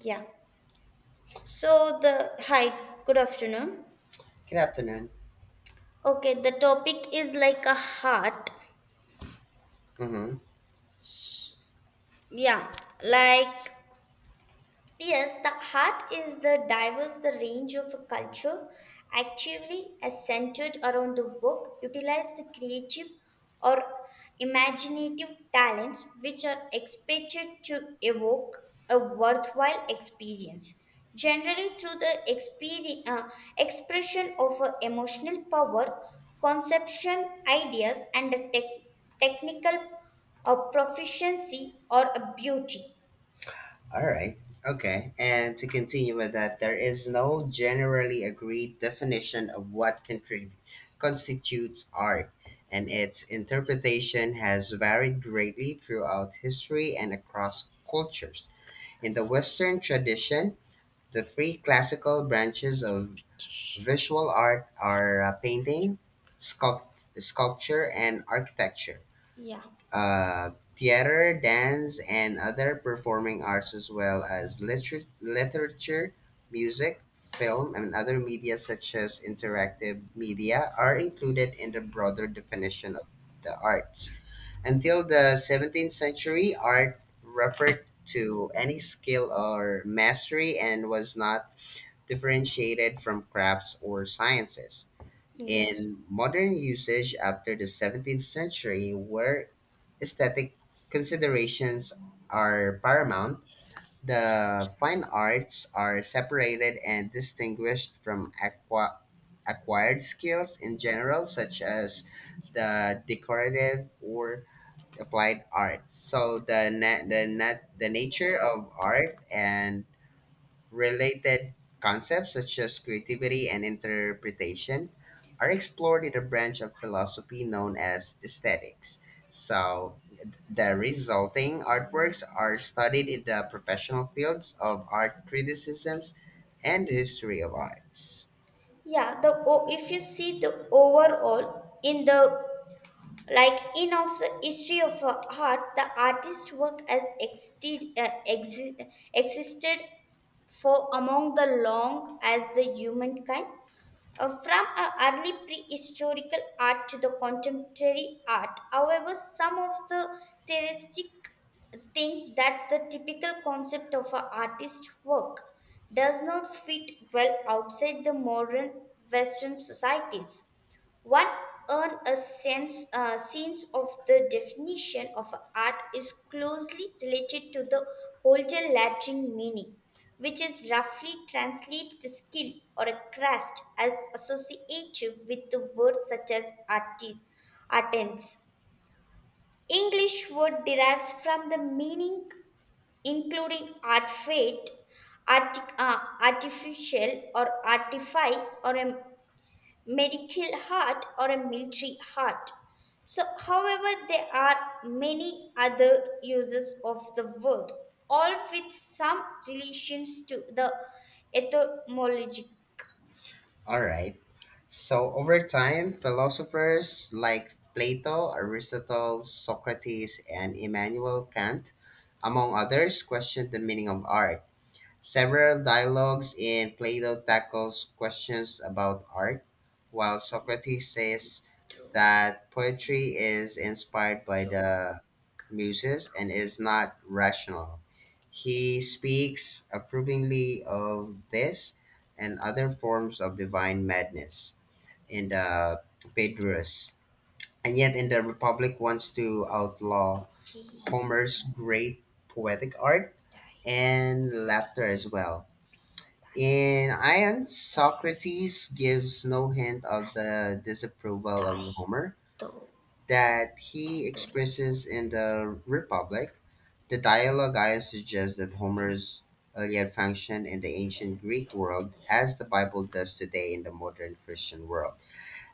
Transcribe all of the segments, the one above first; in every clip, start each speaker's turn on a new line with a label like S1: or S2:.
S1: Yeah. So the hi, good afternoon.
S2: Good afternoon.
S1: Okay, the topic is like a heart.
S2: Mm-hmm.
S1: Yeah, like yes, the heart is the range of a culture actively as centered around the work utilize the creative or imaginative talents which are expected to evoke a worthwhile experience generally through the expression of a emotional power conception ideas and a technical proficiency or a beauty.
S2: All right. Okay. And to continue with that, there is no generally agreed definition of what constitutes art, and its interpretation has varied greatly throughout history and across cultures. In the Western tradition, the three classical branches of visual art are painting, sculpture, and architecture.
S1: Yeah.
S2: Theater, dance, and other performing arts, as well as literature, music, film, and other media such as interactive media, are included in the broader definition of the arts. Until the 17th century, art referred to any skill or mastery and was not differentiated from crafts or sciences
S1: Yes.
S2: in modern usage after the 17th century where aesthetic considerations are paramount. The fine arts are separated and distinguished from acquired skills in general, such as the decorative or applied arts. So the nature of art and related concepts such as creativity and interpretation are explored in a branch of philosophy known as aesthetics. So, the resulting artworks are studied in the professional fields of art criticisms and the history of arts.
S1: Yeah, if you see the overall in the, like, in of the history of art, the artist work has existed existed for among the long as the humankind, from a early prehistorical art to the contemporary art. However, some of the theorists think that the typical concept of an artist's work does not fit well outside the modern Western societies. One earn a sense of the definition of art is closely related to the older Latin meaning which is roughly translates the skill or a craft as associative with the words such as artisans. English word derives from the meaning including art fate, artificial or artify or a medical heart or a military heart. So, however, there are many other uses of the word, all with some relations to the etymologic.
S2: All right. So, over time, philosophers like Plato, Aristotle, Socrates, and Immanuel Kant, among others, questioned the meaning of art. Several dialogues in Plato tackles questions about art, while Socrates says that poetry is inspired by the muses and is not rational. He speaks approvingly of this and other forms of divine madness in the Phaedrus. And yet, in the Republic, wants to outlaw Homer's great poetic art and laughter as well. In Ion, Socrates gives no hint of the disapproval of
S1: die,
S2: Homer
S1: though,
S2: that
S1: die,
S2: he
S1: though,
S2: expresses in the Republic. The dialogue I suggests that Homer's Iliad functioned in the ancient Greek world as the Bible does today in the modern Christian world,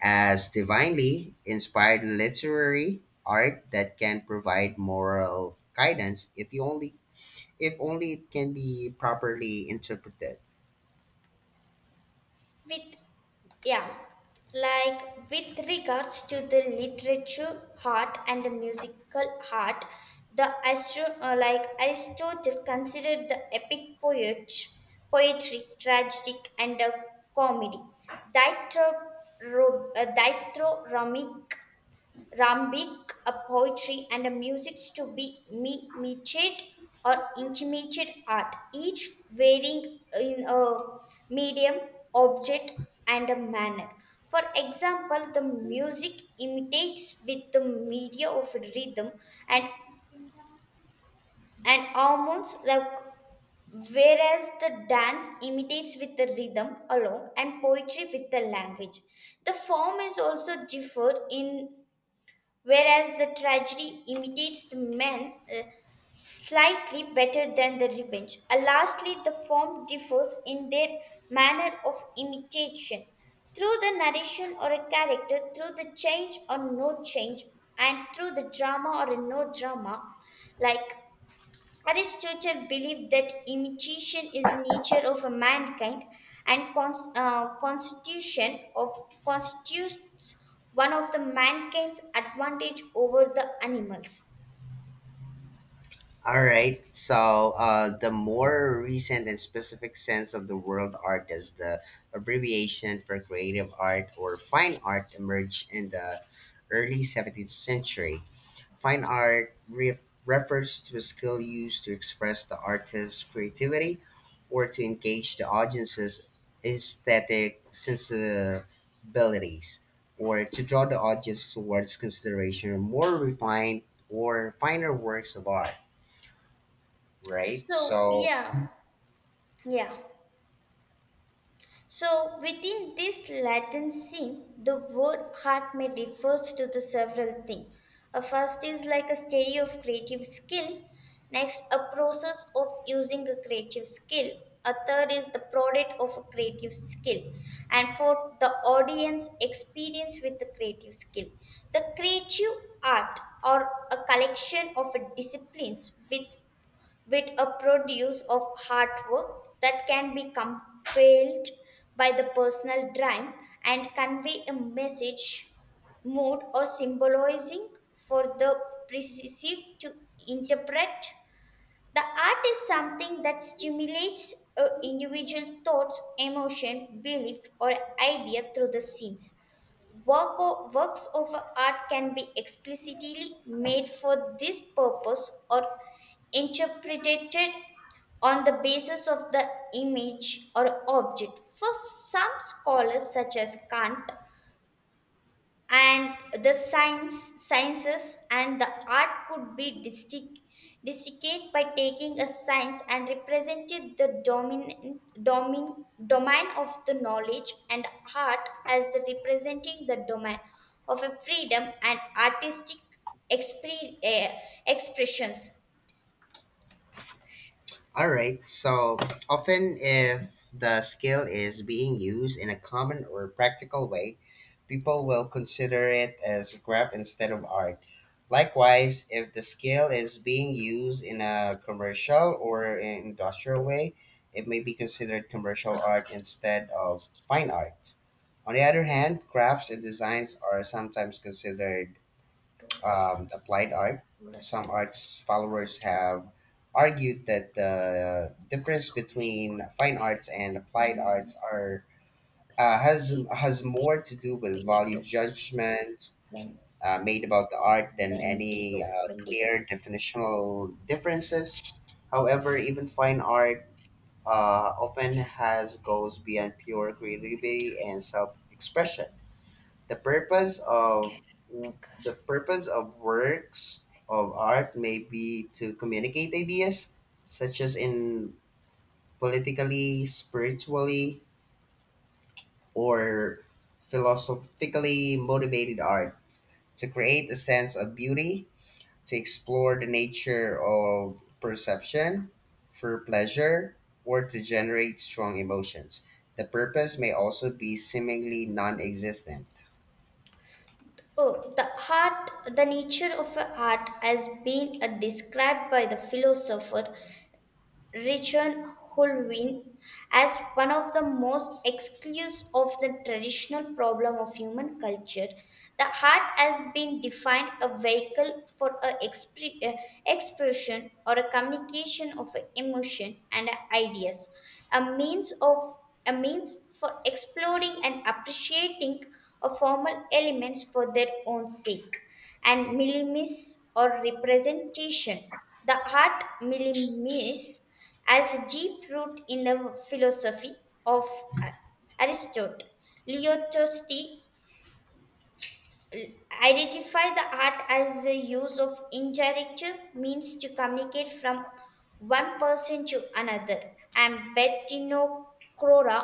S2: as divinely inspired literary art that can provide moral guidance if only it can be properly interpreted.
S1: with yeah, like with regards to the literature art and the musical art, the like aristotle considered the epic poetry tragic and comedy dithyrambic Rambik, a poetry and a music to be metiate or intermediate art, each varying in a medium, object, and a manner. For example, the music imitates with the media of rhythm and, and hormones, like, whereas the dance imitates with the rhythm alone and poetry with the language. The form is also differed in whereas the tragedy imitates the man slightly better than the revenge. Lastly, the form differs in their manner of imitation through the narration or a character, through the change or no change, and through the drama or a no drama, like Aristotle believed that imitation is the nature of a mankind and cons- constitution of constitutes one of the mankind's advantage over the animals.
S2: All right. So the more recent and specific sense of the world art is the abbreviation for creative art or fine art emerged in the early 17th century. Fine art refers to a skill used to express the artist's creativity or to engage the audience's aesthetic sensibilities or to draw the audience towards consideration of more refined or finer works of art. Right.
S1: So
S2: So,
S1: yeah, yeah. So, within this Latin scene, the word art may refers to the several things. A first is like a study of creative skill. Next, a process of using a creative skill. A third is the product of a creative skill. And fourth, the audience experience with the creative skill. The creative art or a collection of disciplines with a produce of hard work that can be compelled by the personal drive and convey a message, mood, or symbolizing for the perceive to interpret. The art is something that stimulates a individual thoughts, emotion, belief, or idea through the scenes. Works of art can be explicitly made for this purpose or interpreted on the basis of the image or object. For some scholars, such as Kant, and the sciences and the art could be distinct by taking a science and represented the domain of the knowledge and art as the representing the domain of a freedom and artistic expre- eh, expressions.
S2: all right. So, often if the skill is being used in a common or practical way, people will consider it as craft instead of art. Likewise, if the skill is being used in a commercial or in industrial way, it may be considered commercial art instead of fine art. On the other hand, crafts and
S1: To-
S2: designs are sometimes considered
S1: to
S2: applied art.
S1: to
S2: Some arts followers
S1: to to
S2: have argued that the difference between fine arts and applied arts are has more to do with
S1: Benito,
S2: value judgments
S1: ben-
S2: made about the art than
S1: bendito,
S2: any
S1: bendito.
S2: clear definitional differences. However, even fine art often has goes beyond pure creativity and self expression. the purpose of the purpose of works of art may be to communicate ideas such as in politically, spiritually, or philosophically motivated art to create a sense of beauty, to explore the nature of perception for pleasure, or to generate strong emotions. The purpose may also be seemingly non existent.
S1: Oh, the nature of a art has been described by the philosopher Richard Hulwin as one of the most exclusive of the traditional problem of human culture. The heart has been defined a vehicle for a expression or a communication of a emotion and ideas, a means of a means for exploring and appreciating a formal elements for their own sake and millimis or representation. The art millimis has a deep root in the philosophy of Aristotle. Leotosti identify the art as the use of indirect means to communicate from one person to another. And Bettino Crora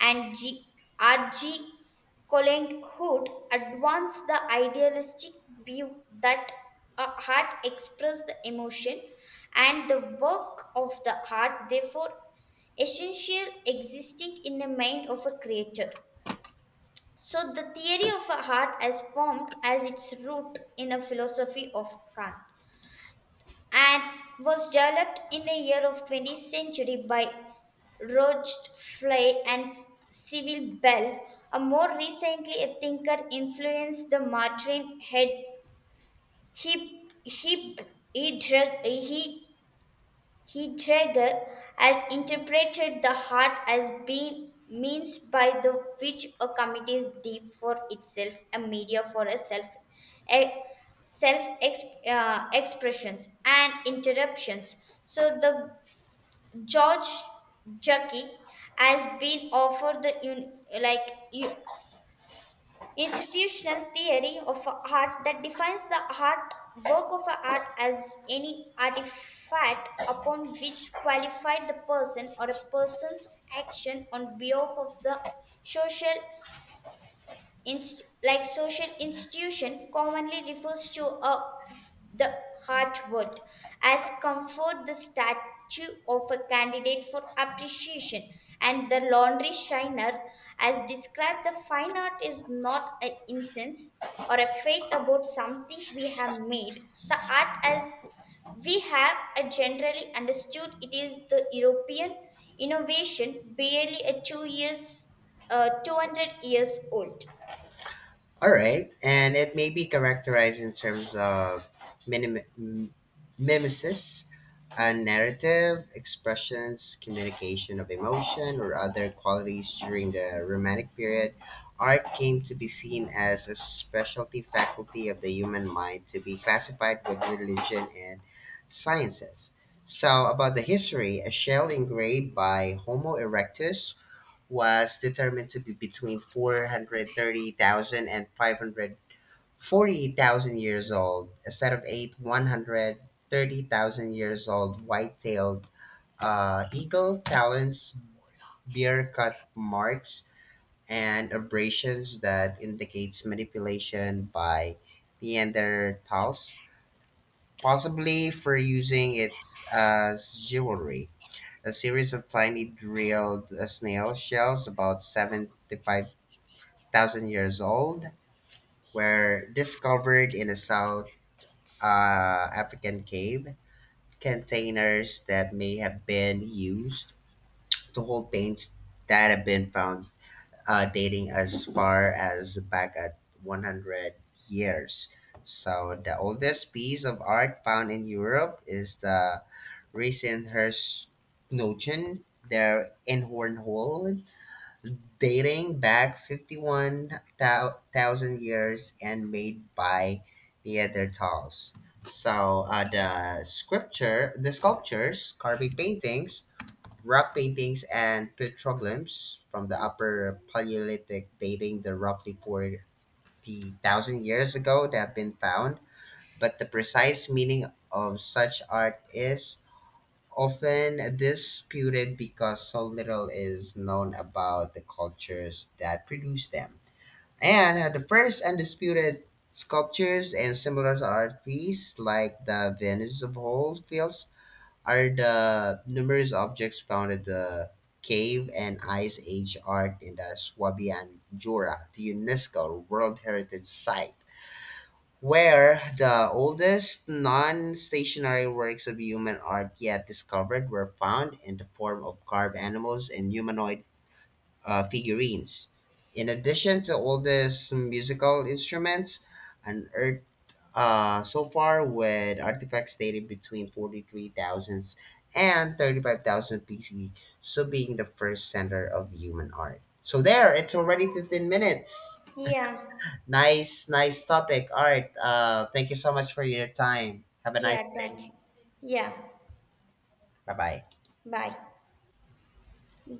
S1: and G. R. G. R.G. Colling advanced the idealistic view that a heart expresses the emotion and the work of the heart, therefore, essential existing in the mind of a creator. So, the theory of a heart has formed as its root in a philosophy of Kant and was developed in the year of 20th century by Rocheflay and Civil Bell. A more recently, a thinker influenced the Martin Head. He, he, he, drug- he, Heidegger has interpreted the heart as being means by the which a community is deep for itself, a media for a self expressions and interruptions. So the George Jackie has been offered the like you institutional theory of art that defines the art work of art as any artifact upon which qualified the person or a person's action on behalf of the social like social institution commonly refers to a, the heartwood as comfort the statue of a candidate for appreciation, and the laundry shiner as described the fine art is not an incense or a faith about something we have made the art as we have a generally understood it is the european innovation barely a 2 years 200 years old.
S2: All right, and it may be characterized in terms of minim- m- mimesis, a
S1: Yes.
S2: narrative, expressions, communication of emotion, or other qualities during the Romantic period. Art came to be seen as a specialty faculty of the human mind to be classified with religion and sciences. So, about the history, a shell engraved by Homo erectus was determined to be between four hundred thirty thousand and five hundred forty thousand years old. A set of eight 130,000 years old white tailed eagle talons bear cut marks and abrasions that indicates manipulation by Neanderthals, possibly for using it as jewelry. A series of tiny drilled snail shells about 75 thousand years old were discovered in a South African cave. Containers that may have been used to hold paints that have been found dating as far as back at 100 years. So the oldest piece of art found in Europe is the recent Herz Noten there in Hornhold dating back 51,000 years and made by Neanderthals. So the scripture, the sculptures, carving paintings, rock paintings, and petroglyphs from the Upper Paleolithic dating the roughly 40,000 years ago that have been found, but the precise meaning of such art is often disputed because so little is known about the cultures that produce them. And the first undisputed sculptures and similar art pieces, like the Venus of Holyfields, are the numerous objects found at the cave and ice age art in the Swabian Jura, the UNESCO World Heritage Site where the oldest non-stationary works of human art yet discovered were found in the form of carved animals and humanoid figurines. In addition to oldest musical instruments unearthed so far with artifacts dated between 43,000 and 35,000 BC, so being the first center of human art. So there, it's already 15 minutes.
S1: Yeah,
S2: Nice, nice topic. All right. Thank you so much for your time. Have a
S1: yeah,
S2: nice day.
S1: thank you. Yeah,
S2: Bye bye.
S1: bye.